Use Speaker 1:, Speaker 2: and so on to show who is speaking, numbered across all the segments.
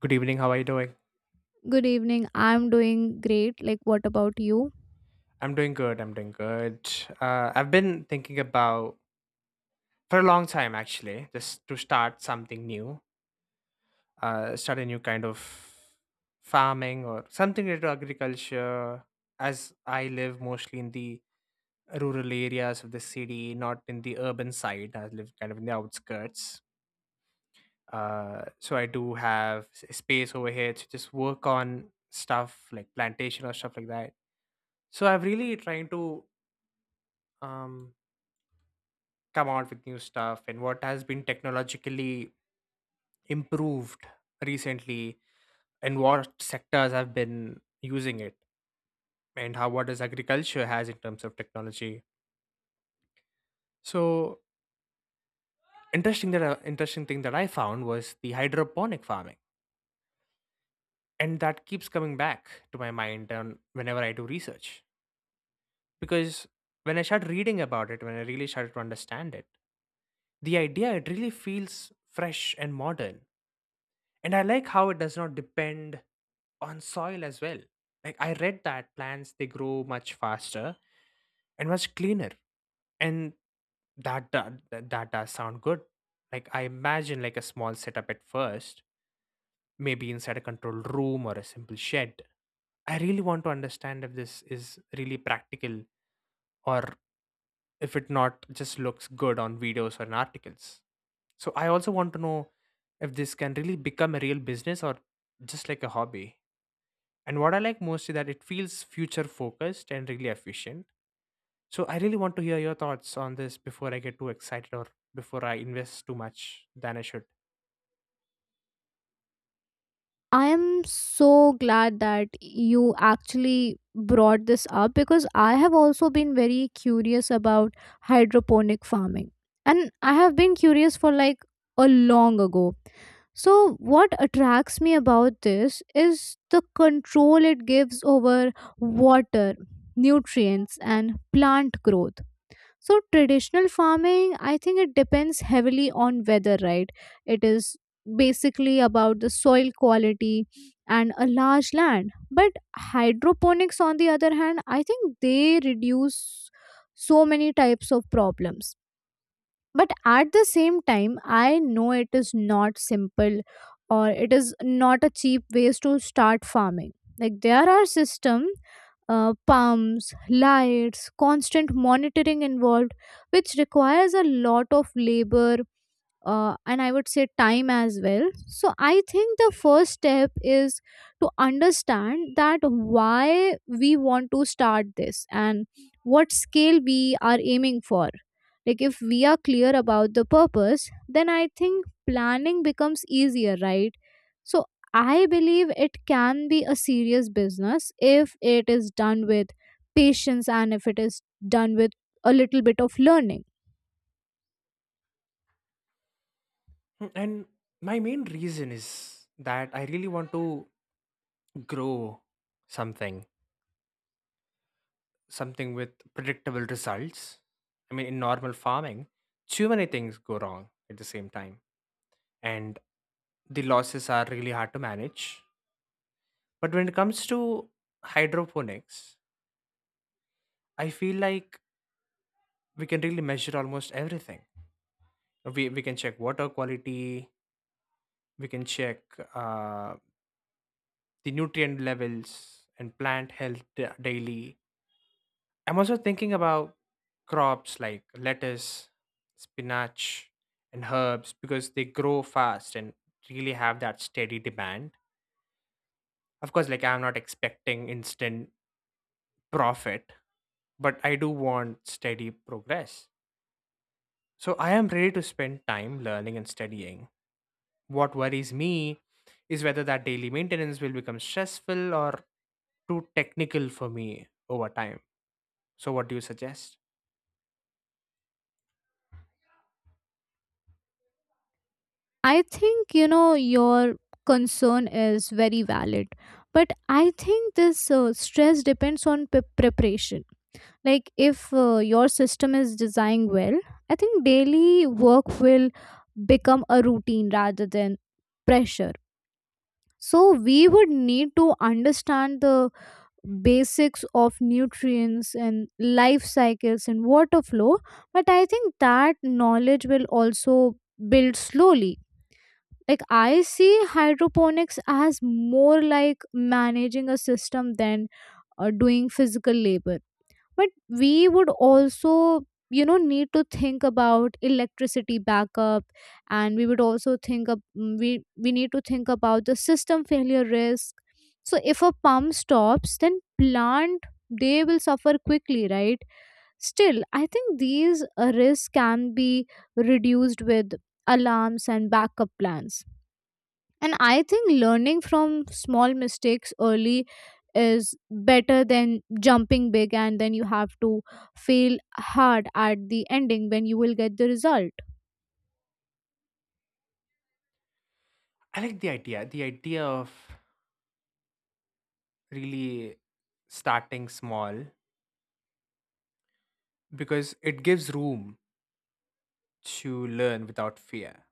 Speaker 1: Good evening. How are you doing?
Speaker 2: Good evening. I'm doing great. Like, what about you?
Speaker 1: I'm doing good. I've been thinking about for a long time actually, just to start something new, start a new kind of farming or something related to agriculture. As I live mostly in the rural areas of the city, not in the urban side, I live kind of in the outskirts. So I do have space over here to just work on stuff like plantation or stuff like that. So I'm really trying to um come out with new stuff and what has been technologically improved recently, and what sectors have been using it, and how, what does agriculture has in terms of technology. So interesting thing that I found was the hydroponic farming, and that keeps coming back to my mind on whenever I do research. Because when I started reading about it, when I really started to understand it, the idea, it really feels fresh and modern, and I like how it does not depend on soil as well. Like I read that plants, they grow much faster and much cleaner, and that does sound good. Like I imagine like a small setup at first, maybe inside a controlled room or a simple shed. I really want to understand if this is really practical, or if it not just looks good on videos or in articles. So I also want to know if this can really become a real business or just like a hobby. And what I like most is that it feels future focused and really efficient. So I really want to hear your thoughts on this before I get too excited or before I invest too much than I should.
Speaker 2: I am so glad that you actually brought this up because I have also been very curious about hydroponic farming. And I have been curious for like a long ago. So, what attracts me about this is the control it gives over water, nutrients, and plant growth. So traditional farming, I think it depends heavily on weather, right? It is basically about the soil quality and a large land, but hydroponics on the other hand, I think they reduce so many types of problems. But at the same time, I know it is not simple or it is not a cheap ways to start farming. Like there are system, pumps, lights, constant monitoring involved, which requires a lot of labor, and I would say time as well. So I think the first step is to understand that why we want to start this and what scale we are aiming for. Like if we are clear about the purpose, then I think planning becomes easier, right? So I believe it can be a serious business if it is done with patience and if it is done with a little bit of learning.
Speaker 1: Mm, and my main reason is that I really want to grow something, something with predictable results. I mean, in normal farming, too many things go wrong at the same time. And the losses are really hard to manage. But when it comes to hydroponics, I feel like we can really measure almost everything. We can check water quality, we can check uh, the nutrient levels and plant health daily. I'm also thinking about crops like lettuce, spinach, and herbs because they grow fast and really have that steady demand. Of course, like, I'm not expecting instant profit, but I do want steady progress. So I am ready to spend time learning and studying. What worries me is whether that daily maintenance will become stressful or too technical for me over time. So, what do you suggest?
Speaker 2: I think, you know, your concern is very valid, but I think this stress depends on preparation. Like if your system is designed well, I think daily work will become a routine rather than pressure. So we would need to understand the basics of nutrients and life cycles and water flow, but I think that knowledge will also build slowly. Like I see hydroponics as more like managing a system than doing physical labor. But we would also, you know, need to think about electricity backup, and we would also think of we need to think about the system failure risk. So if a pump stops, then plant, they will suffer quickly, right? Still, I think these risks can be reduced with alarms and backup plans. And I think learning from small mistakes early is better than jumping big and then you have to fail hard at the ending when you will get the result.
Speaker 1: I like the idea of really starting small, because it gives room to learn without fear.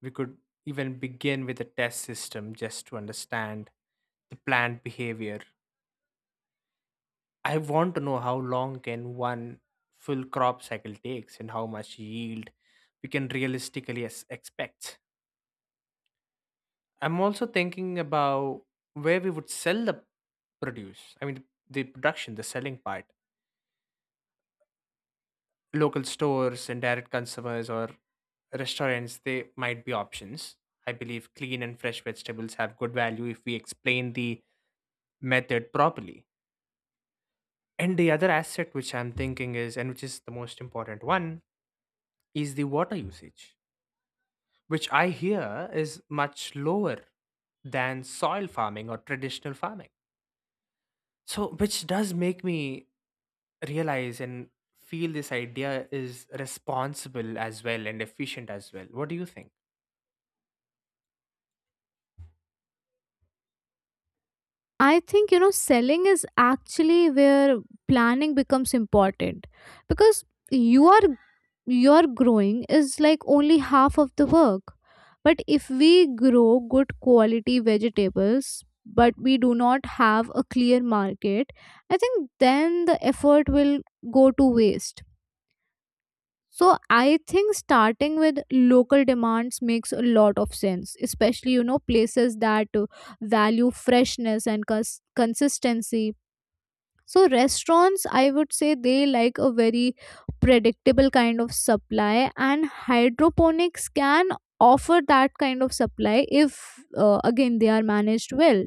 Speaker 1: We could even begin with a test system just to understand the planned behavior. I want to know how long can one full crop cycle takes and how much yield we can realistically expect. I'm also thinking about where we would sell the produce. I mean, the production, the selling part. Local stores and direct consumers or restaurants, they might be options. I believe clean and fresh vegetables have good value if we explain the method properly. And the other aspect which I'm thinking is, and which is the most important one, is the water usage, which I hear is much lower than soil farming or traditional farming. So, which does make me realize and feel this idea is responsible as well and efficient as well. What do you think?
Speaker 2: I think, you know, selling is actually where planning becomes important, because you are, your growing is like only half of the work. But if we grow good quality vegetables, but we do not have a clear market, I think then the effort will go to waste. So I think starting with local demands makes a lot of sense, especially, you know, places that value freshness and consistency. So restaurants, I would say they like a very predictable kind of supply, and hydroponics can offer that kind of supply if, again, they are managed well.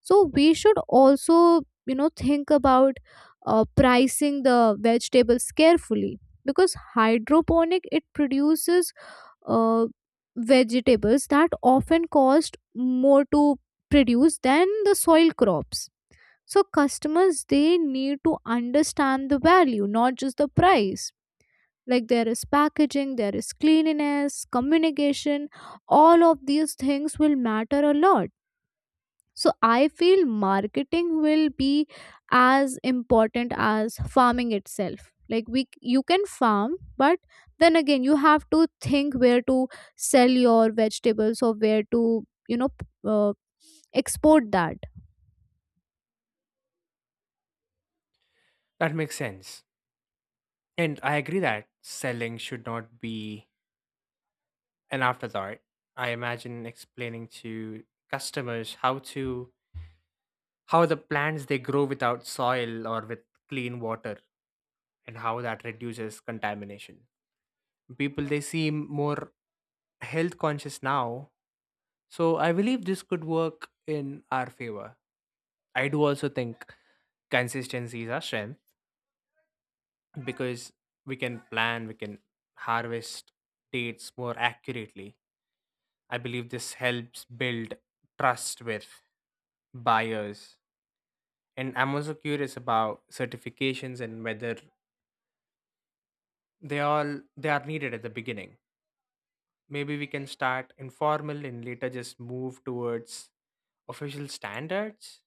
Speaker 2: So we should also, you know, think about pricing the vegetables carefully, because hydroponic it produces, uh, vegetables that often cost more to produce than the soil crops. So customers, they need to understand the value, not just the price. Like there is packaging, there is cleanliness, communication, all of these things will matter a lot. So I feel marketing will be as important as farming itself. Like we, you can farm, but then again you have to think where to sell your vegetables or where to, you know, export that.
Speaker 1: That makes sense. And I agree that selling should not be an afterthought. I imagine explaining to customers how the plants they grow without soil or with clean water and how that reduces contamination. People, they seem more health conscious now. So I believe this could work in our favor. I do also think consistency is our strength, because we can plan, we can harvest dates more accurately. I believe this helps build trust with buyers. And I'm also curious about certifications and whether they are needed at the beginning. Maybe we can start informal and later just move towards official standards?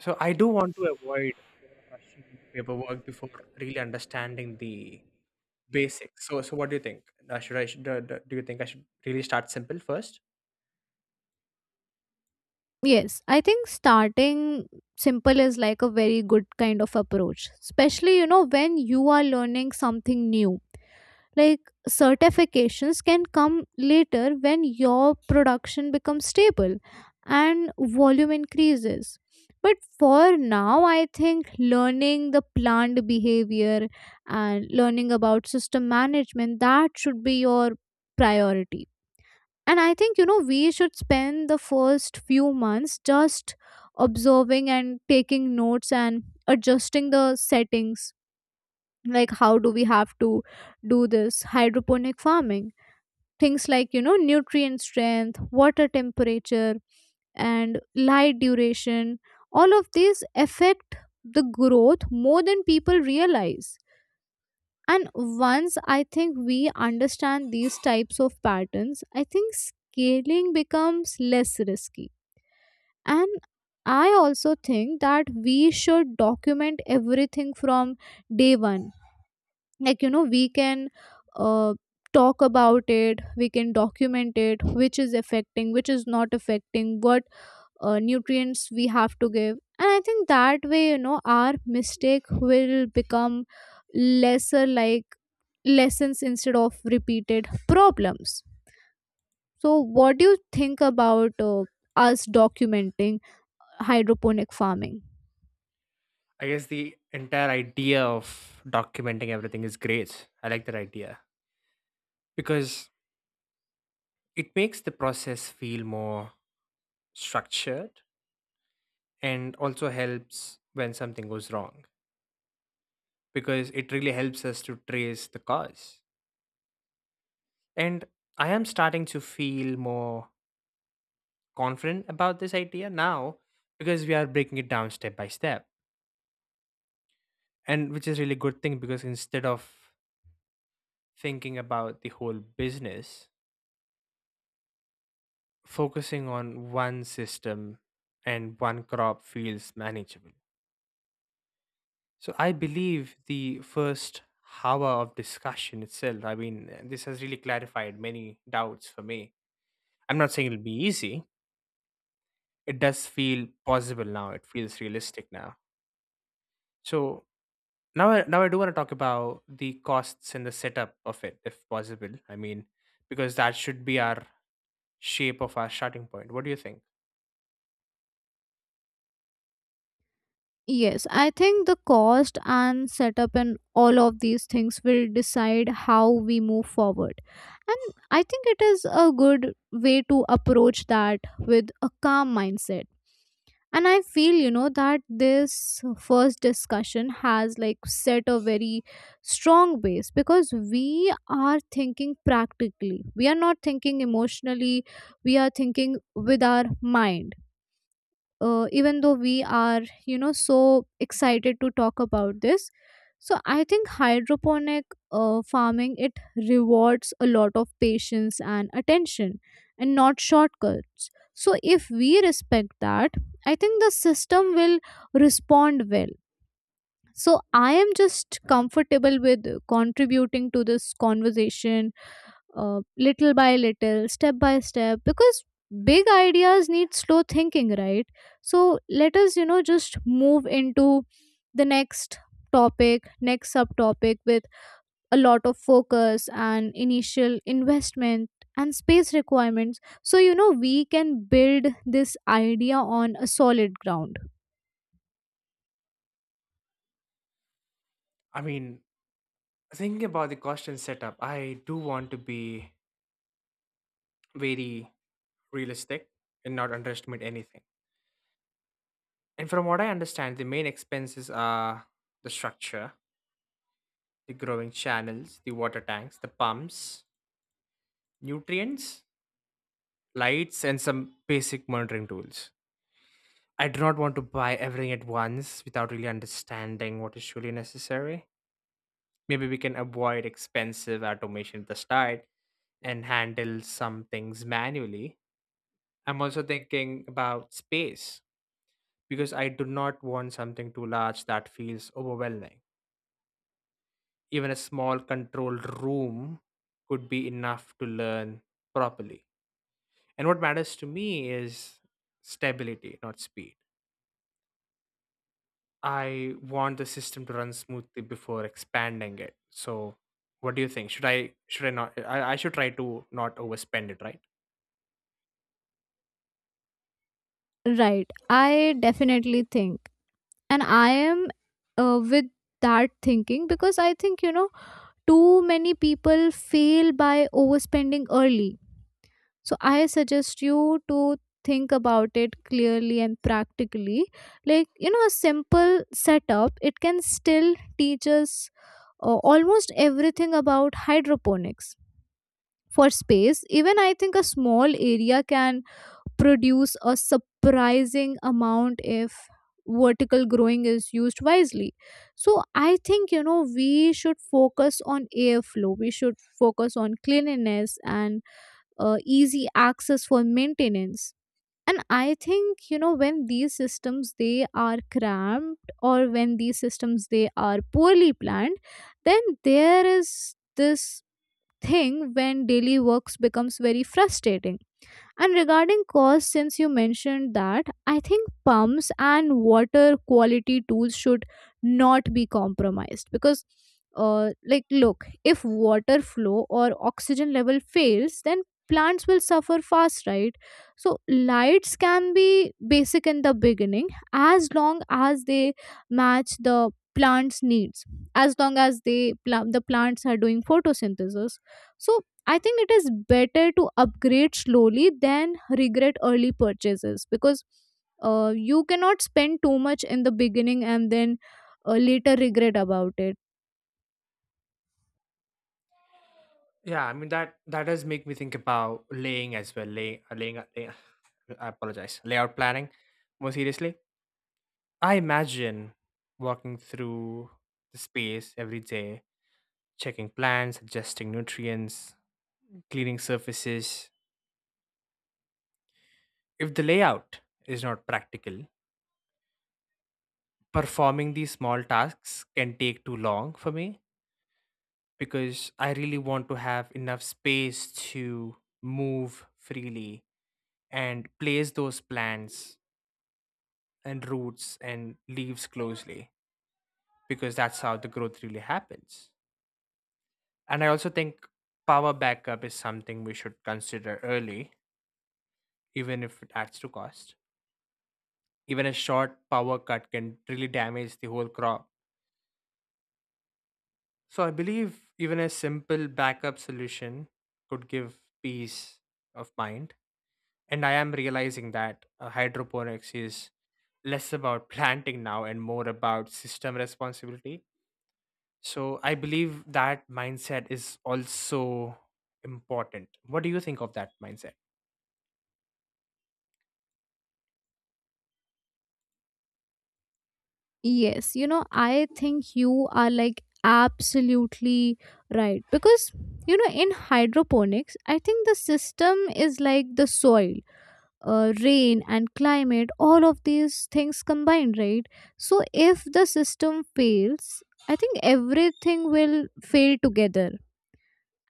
Speaker 1: So I do want to avoid rushing paperwork before really understanding the basics. So what do you think? Should I should, do, do do you think I should really start simple first?
Speaker 2: Yes, I think starting simple is like a very good kind of approach, especially, you know, when you are learning something new. Like certifications can come later when your production becomes stable and volume increases. But for now, I think learning the plant behavior and learning about system management, that should be your priority. And I think, you know, we should spend the first few months just observing and taking notes and adjusting the settings. Like, how do we have to do this hydroponic farming? Things like, you know, nutrient strength, water temperature, and light duration. All of these affect the growth more than people realize. And once I think we understand these types of patterns, I think scaling becomes less risky. And I also think that we should document everything from day one. Like, you know, we can uh, talk about it, we can document it, which is affecting, which is not affecting, what nutrients we have to give. And I think that way, you know, our mistake will become lesser, like lessons instead of repeated problems. So what do you think about us documenting hydroponic farming?
Speaker 1: I guess the entire idea of documenting everything is great. I like that idea because it makes the process feel more structured, and also helps when something goes wrong because it really helps us to trace the cause. And I am starting to feel more confident about this idea now because we are breaking it down step by step, and which is really good thing, because instead of thinking about the whole business, focusing on one system and one crop feels manageable. So I believe the first hour of discussion itself, I mean, this has really clarified many doubts for me. I'm not saying it'll be easy, it does feel possible now, it feels realistic now. So now I do want to talk about the costs and the setup of it if possible. I mean, because that should be our shape of our starting point. What do you think?
Speaker 2: Yes, I think the cost and setup and all of these things will decide how we move forward. And I think it is a good way to approach that with a calm mindset. And I feel, you know, that this first discussion has like set a very strong base, because we are thinking practically, we are not thinking emotionally, we are thinking with our mind, even though we are, you know, so excited to talk about this. So I think hydroponic farming, it rewards a lot of patience and attention and not shortcuts. So if we respect that, I think the system will respond well. So I am just comfortable with contributing to this conversation little by little, step by step, because big ideas need slow thinking, right? So let us, you know, just move into the next topic, next subtopic with a lot of focus and initial investment and space requirements, so you know we can build this idea on a solid ground.
Speaker 1: I mean, thinking about the cost and setup, I do want to be very realistic and not underestimate anything. And from what I understand, the main expenses are the structure, the growing channels, the water tanks, the pumps, nutrients, lights, and some basic monitoring tools. I do not want to buy everything at once without really understanding what is truly necessary. Maybe we can avoid expensive automation at the start and handle some things manually. I'm also thinking about space because I do not want something too large that feels overwhelming. Even a small controlled room could be enough to learn properly. And what matters to me is stability, not speed. I want the system to run smoothly before expanding it. So what do you think? Should I not I, I should try to not overspend it, right?
Speaker 2: Right. I definitely think. And I am, with that thinking, because I think, you know, too many people fail by overspending early. So I suggest you to think about it clearly and practically. Like, you know, a simple setup, it can still teach us almost everything about hydroponics. For space, even I think a small area can produce a surprising amount if vertical growing is used wisely. So I think, you know, we should focus on airflow, we should focus on cleanliness and easy access for maintenance. And I think, you know, when these systems they are cramped, or when these systems they are poorly planned, then there is this thing when daily works becomes very frustrating. And regarding cost, since you mentioned that, I think pumps and water quality tools should not be compromised because, like, look, if water flow or oxygen level fails, then plants will suffer fast, right? So, lights can be basic in the beginning as long as they match the plant's needs, as long as they the plants are doing photosynthesis. So I think it is better to upgrade slowly than regret early purchases, because you cannot spend too much in the beginning and then later regret about it.
Speaker 1: Yeah, I mean that that does make me think about laying as well. I apologize. Layout planning more seriously. I imagine walking through the space every day, checking plants, adjusting nutrients, cleaning surfaces. If the layout is not practical, performing these small tasks can take too long for me, because I really want to have enough space to move freely and place those plants and roots and leaves closely, because that's how the growth really happens. And I also think power backup is something we should consider early, even if it adds to cost. Even a short power cut can really damage the whole crop. So I believe even a simple backup solution could give peace of mind. And I am realizing that hydroponics is less about planting now and more about system responsibility. So I believe that mindset is also important. What do you think of that mindset?
Speaker 2: Yes, you know, I think you are like absolutely right, because you know, in hydroponics, I think the system is like the soil, rain and climate, all of these things combined, right? So if the system fails, I think everything will fail together.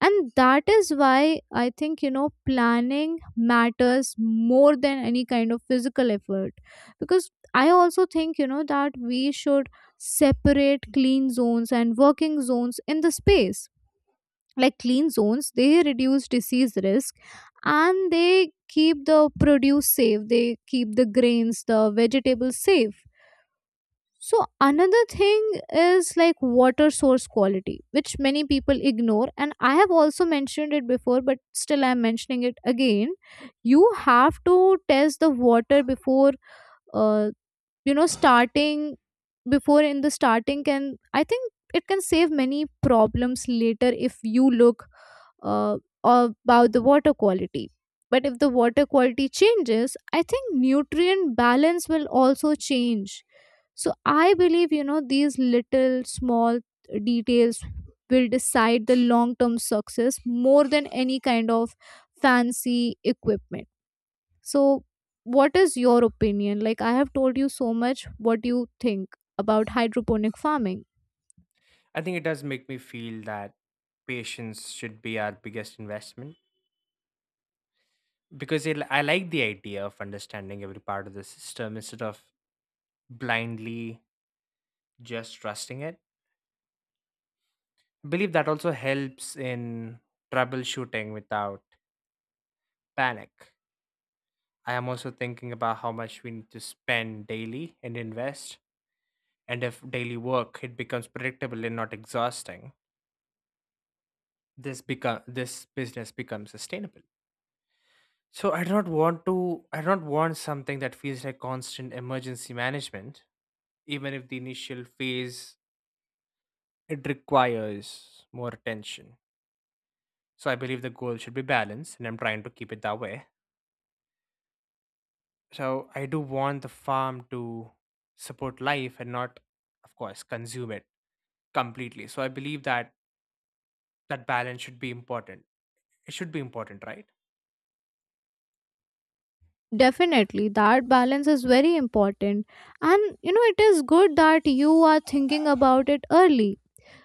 Speaker 2: And that is why I think, you know, planning matters more than any kind of physical effort. Because I also think, you know, that we should separate clean zones and working zones in the space. Like clean zones, they reduce disease risk and they keep the produce safe, they keep the grains, the vegetables safe. So another thing is like water source quality, which many people ignore and I have also mentioned it before, but still I'm mentioning it again. You have to test the water before, uh, you know, starting. Before in the starting, can I think, it can save many problems later if you look uh, about the water quality. But if the water quality changes, I think nutrient balance will also change. So I believe, you know, these little small details will decide the long term success more than any kind of fancy equipment. So, what is your opinion? Like, I have told you so much. What do you think about hydroponic farming?
Speaker 1: I think it does make me feel that patience should be our biggest investment, because it, I like the idea of understanding every part of the system instead of blindly just trusting it. I believe that also helps in troubleshooting without panic. I am also thinking about how much we need to spend daily and invest, and if daily work it becomes predictable and not exhausting, this business becomes sustainable. So I do not want something that feels like constant emergency management, even if the initial phase it requires more attention. So I believe the goal should be balanced, and I'm trying to keep it that way. So I do want the farm to support life and not, of course, consume it completely. So I believe that that balance should be important. It should be important, right?
Speaker 2: Definitely, that balance is very important. And you know, it is good that you are thinking about it early,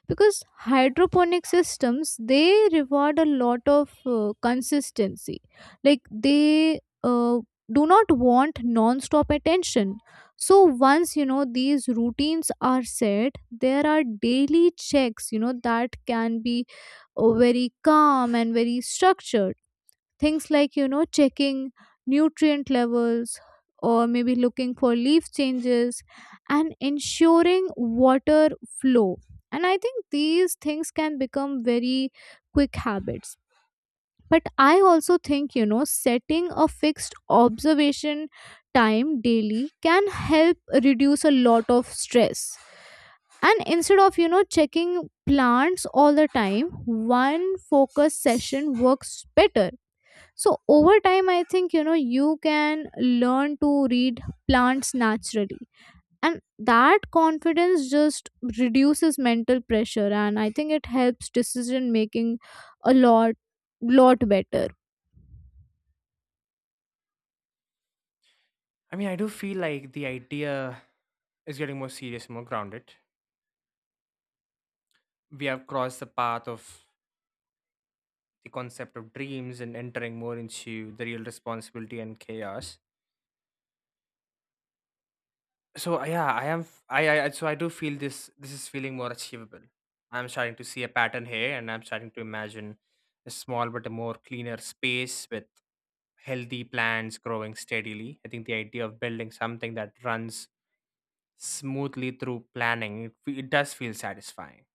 Speaker 2: because hydroponic systems they reward a lot of consistency. Like they do not want non-stop attention. So once you know these routines are set, there are daily checks. You know that can be very calm and very structured. Things like, you know, checking nutrient levels or maybe looking for leaf changes and ensuring water flow. And I think these things can become very quick habits. But I also think, you know, setting a fixed observation time daily can help reduce a lot of stress. And instead of, you know, checking plants all the time, one focus session works better. So over time, I think, you know, you can learn to read plants naturally, and that confidence just reduces mental pressure, and I think it helps decision making a lot, lot better.
Speaker 1: I mean, I do feel like the idea is getting more serious and more grounded. We have crossed the path of the concept of dreams and entering more into the real responsibility and chaos. So yeah, I am. F- I- so I do feel this. This is feeling more achievable. I'm starting to see a pattern here, and I'm starting to imagine a small but a more cleaner space with healthy plants growing steadily. I think the idea of building something that runs smoothly through planning it, it does feel satisfying.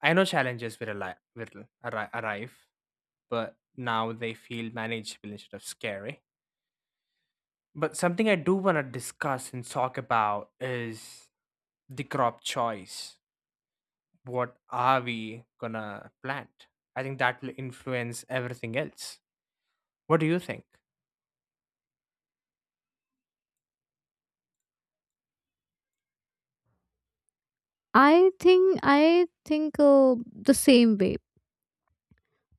Speaker 1: I know challenges will, ali- will arri- arrive, but now they feel manageable instead of scary. But something I do want to discuss and talk about is the crop choice. What are we gonna plant? I think that will influence everything else. What do you think?
Speaker 2: I think the same way,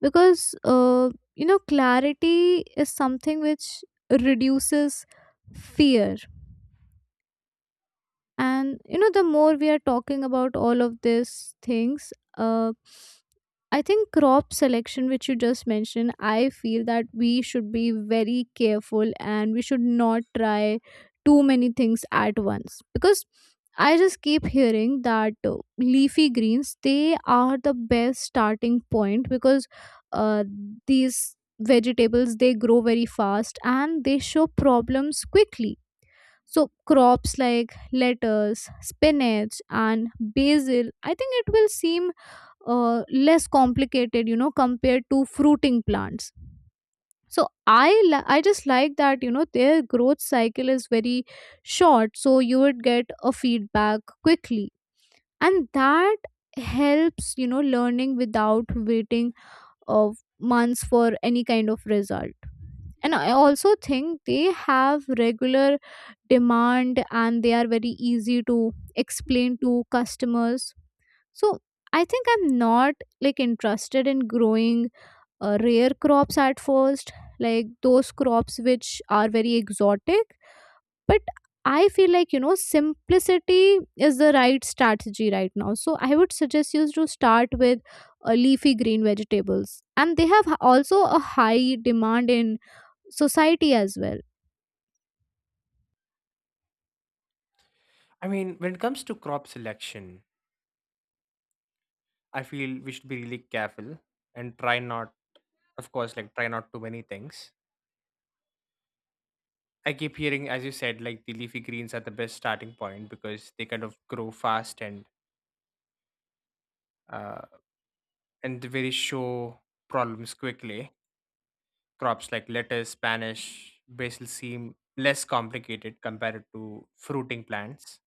Speaker 2: because you know, clarity is something which reduces fear. And you know, the more we are talking about all of these things, uh I think crop selection, which you just mentioned, I feel that we should be very careful and we should not try too many things at once. Because I just keep hearing that leafy greens, they are the best starting point, because uh, these vegetables they grow very fast and they show problems quickly. So crops like lettuce, spinach, and basil, I think it will seem less complicated, you know, compared to fruiting plants. So I I just like that, you know, their growth cycle is very short, so you would get a feedback quickly, and that helps, you know, learning without waiting of months for any kind of result. And I also think they have regular demand and they are very easy to explain to customers. So I think I'm not like interested in growing rare crops at first, like those crops which are very exotic. But I feel like, you know, simplicity is the right strategy right now. So I would suggest you to start with leafy green vegetables, and they have also a high demand in society as well.
Speaker 1: I mean, when it comes to crop selection, I feel we should be really careful and try not, of course, like, try not too many things. I keep hearing, as you said, like, the leafy greens are the best starting point because they kind of grow fast, and uh, and they very show problems quickly. Crops like lettuce, spanish, basil seem less complicated compared to fruiting plants.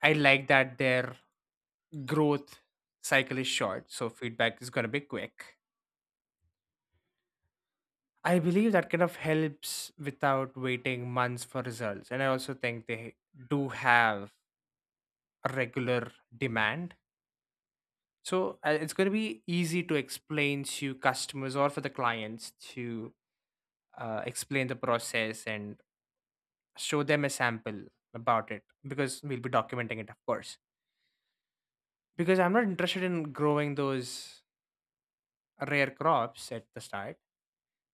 Speaker 1: I like that their growth cycle is short, so feedback is going to be quick. I believe that kind of helps without waiting months for results. And I also think they do have a regular demand. So it's going to be easy to explain to customers or for the clients to explain the process and show them a sample about it, because we'll be documenting it, of course. Because I'm not interested in growing those rare crops at the start.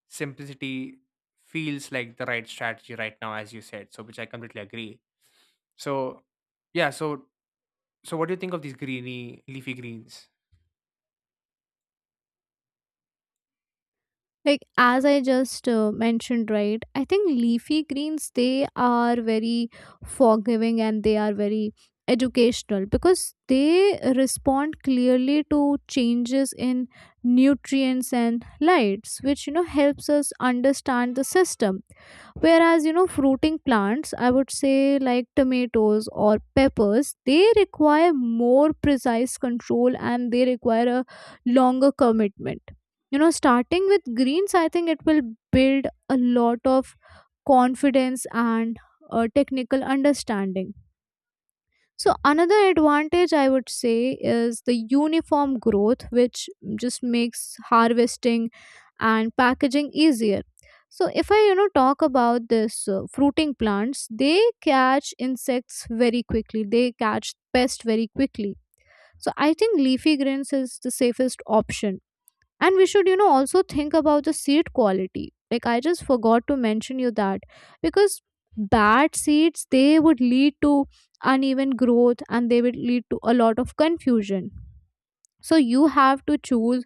Speaker 1: Simplicity feels like the right strategy right now, as you said, so, which I completely agree. So yeah so so what do you think of these greeny leafy greens?
Speaker 2: Like as I just mentioned, right, I think leafy greens, they are very forgiving and they are very educational, because they respond clearly to changes in nutrients and lights, which you know helps us understand the system. Whereas, you know, fruiting plants, I would say like tomatoes or peppers, they require more precise control and they require a longer commitment. You know, starting with greens, I think it will build a lot of confidence and technical understanding. So another advantage I would say is the uniform growth, which just makes harvesting and packaging easier. So if I, you know, talk about this fruiting plants, they catch insects very quickly. They catch pest very quickly. So I think leafy greens is the safest option. And we should, you know, also think about the seed quality, like I just forgot to mention you that, because bad seeds, they would lead to uneven growth and they would lead to a lot of confusion. So you have to choose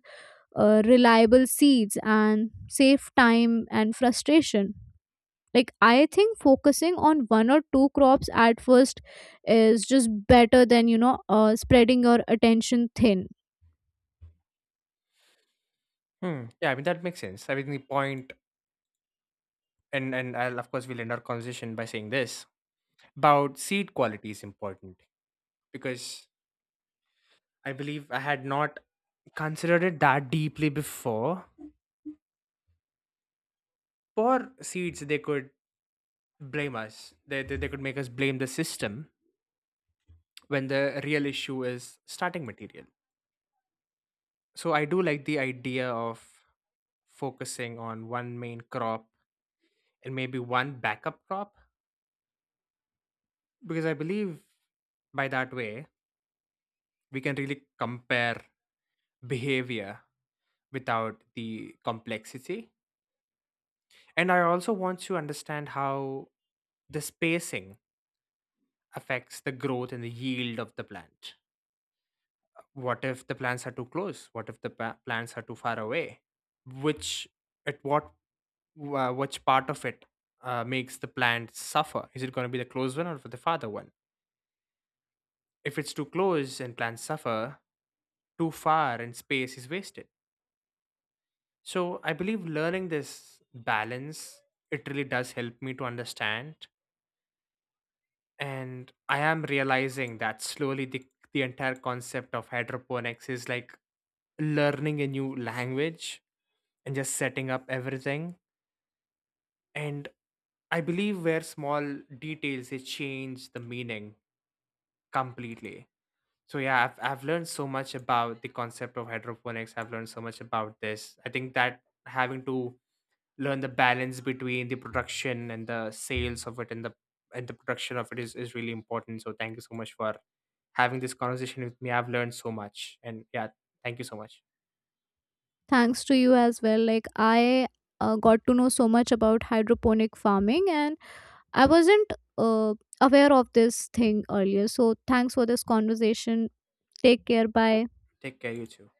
Speaker 2: reliable seeds and save time and frustration. Like I think focusing on one or two crops at first is just better than, you know, spreading your attention thin.
Speaker 1: Hmm, yeah, I mean that makes sense. I mean, the point, and I'll, of course, we'll end our conversation by saying this about seed quality is important, because I believe I had not considered it that deeply before. For seeds, they could blame us, they could make us blame the system when the real issue is starting material. So I do like the idea of focusing on one main crop and maybe one backup crop, because I believe by that way we can really compare behavior without the complexity. And I also want to understand how the spacing affects the growth and the yield of the plant. What if the plants are too close? What if the plants are too far away? Which at what uh, which part of it makes the plant suffer? Is it going to be the close one or the farther one? If it's too close and plants suffer, too far and space is wasted. So I believe learning this balance, it really does help me to understand. And I am realizing that slowly the entire concept of hydroponics is like learning a new language and just setting up everything. And I believe where small details they change the meaning completely. So yeah, I've learned so much about the concept of hydroponics. I've learned so much about this. I think that having to learn the balance between the production and the sales of it and the production of it is really important. So thank you so much for having this conversation with me. I've learned so much. And yeah, thank you so much.
Speaker 2: Thanks to you as well. Like I, got to know so much about hydroponic farming and I wasn't uh, aware of this thing earlier, so thanks for this conversation. Take care, bye.
Speaker 1: Take care, you too.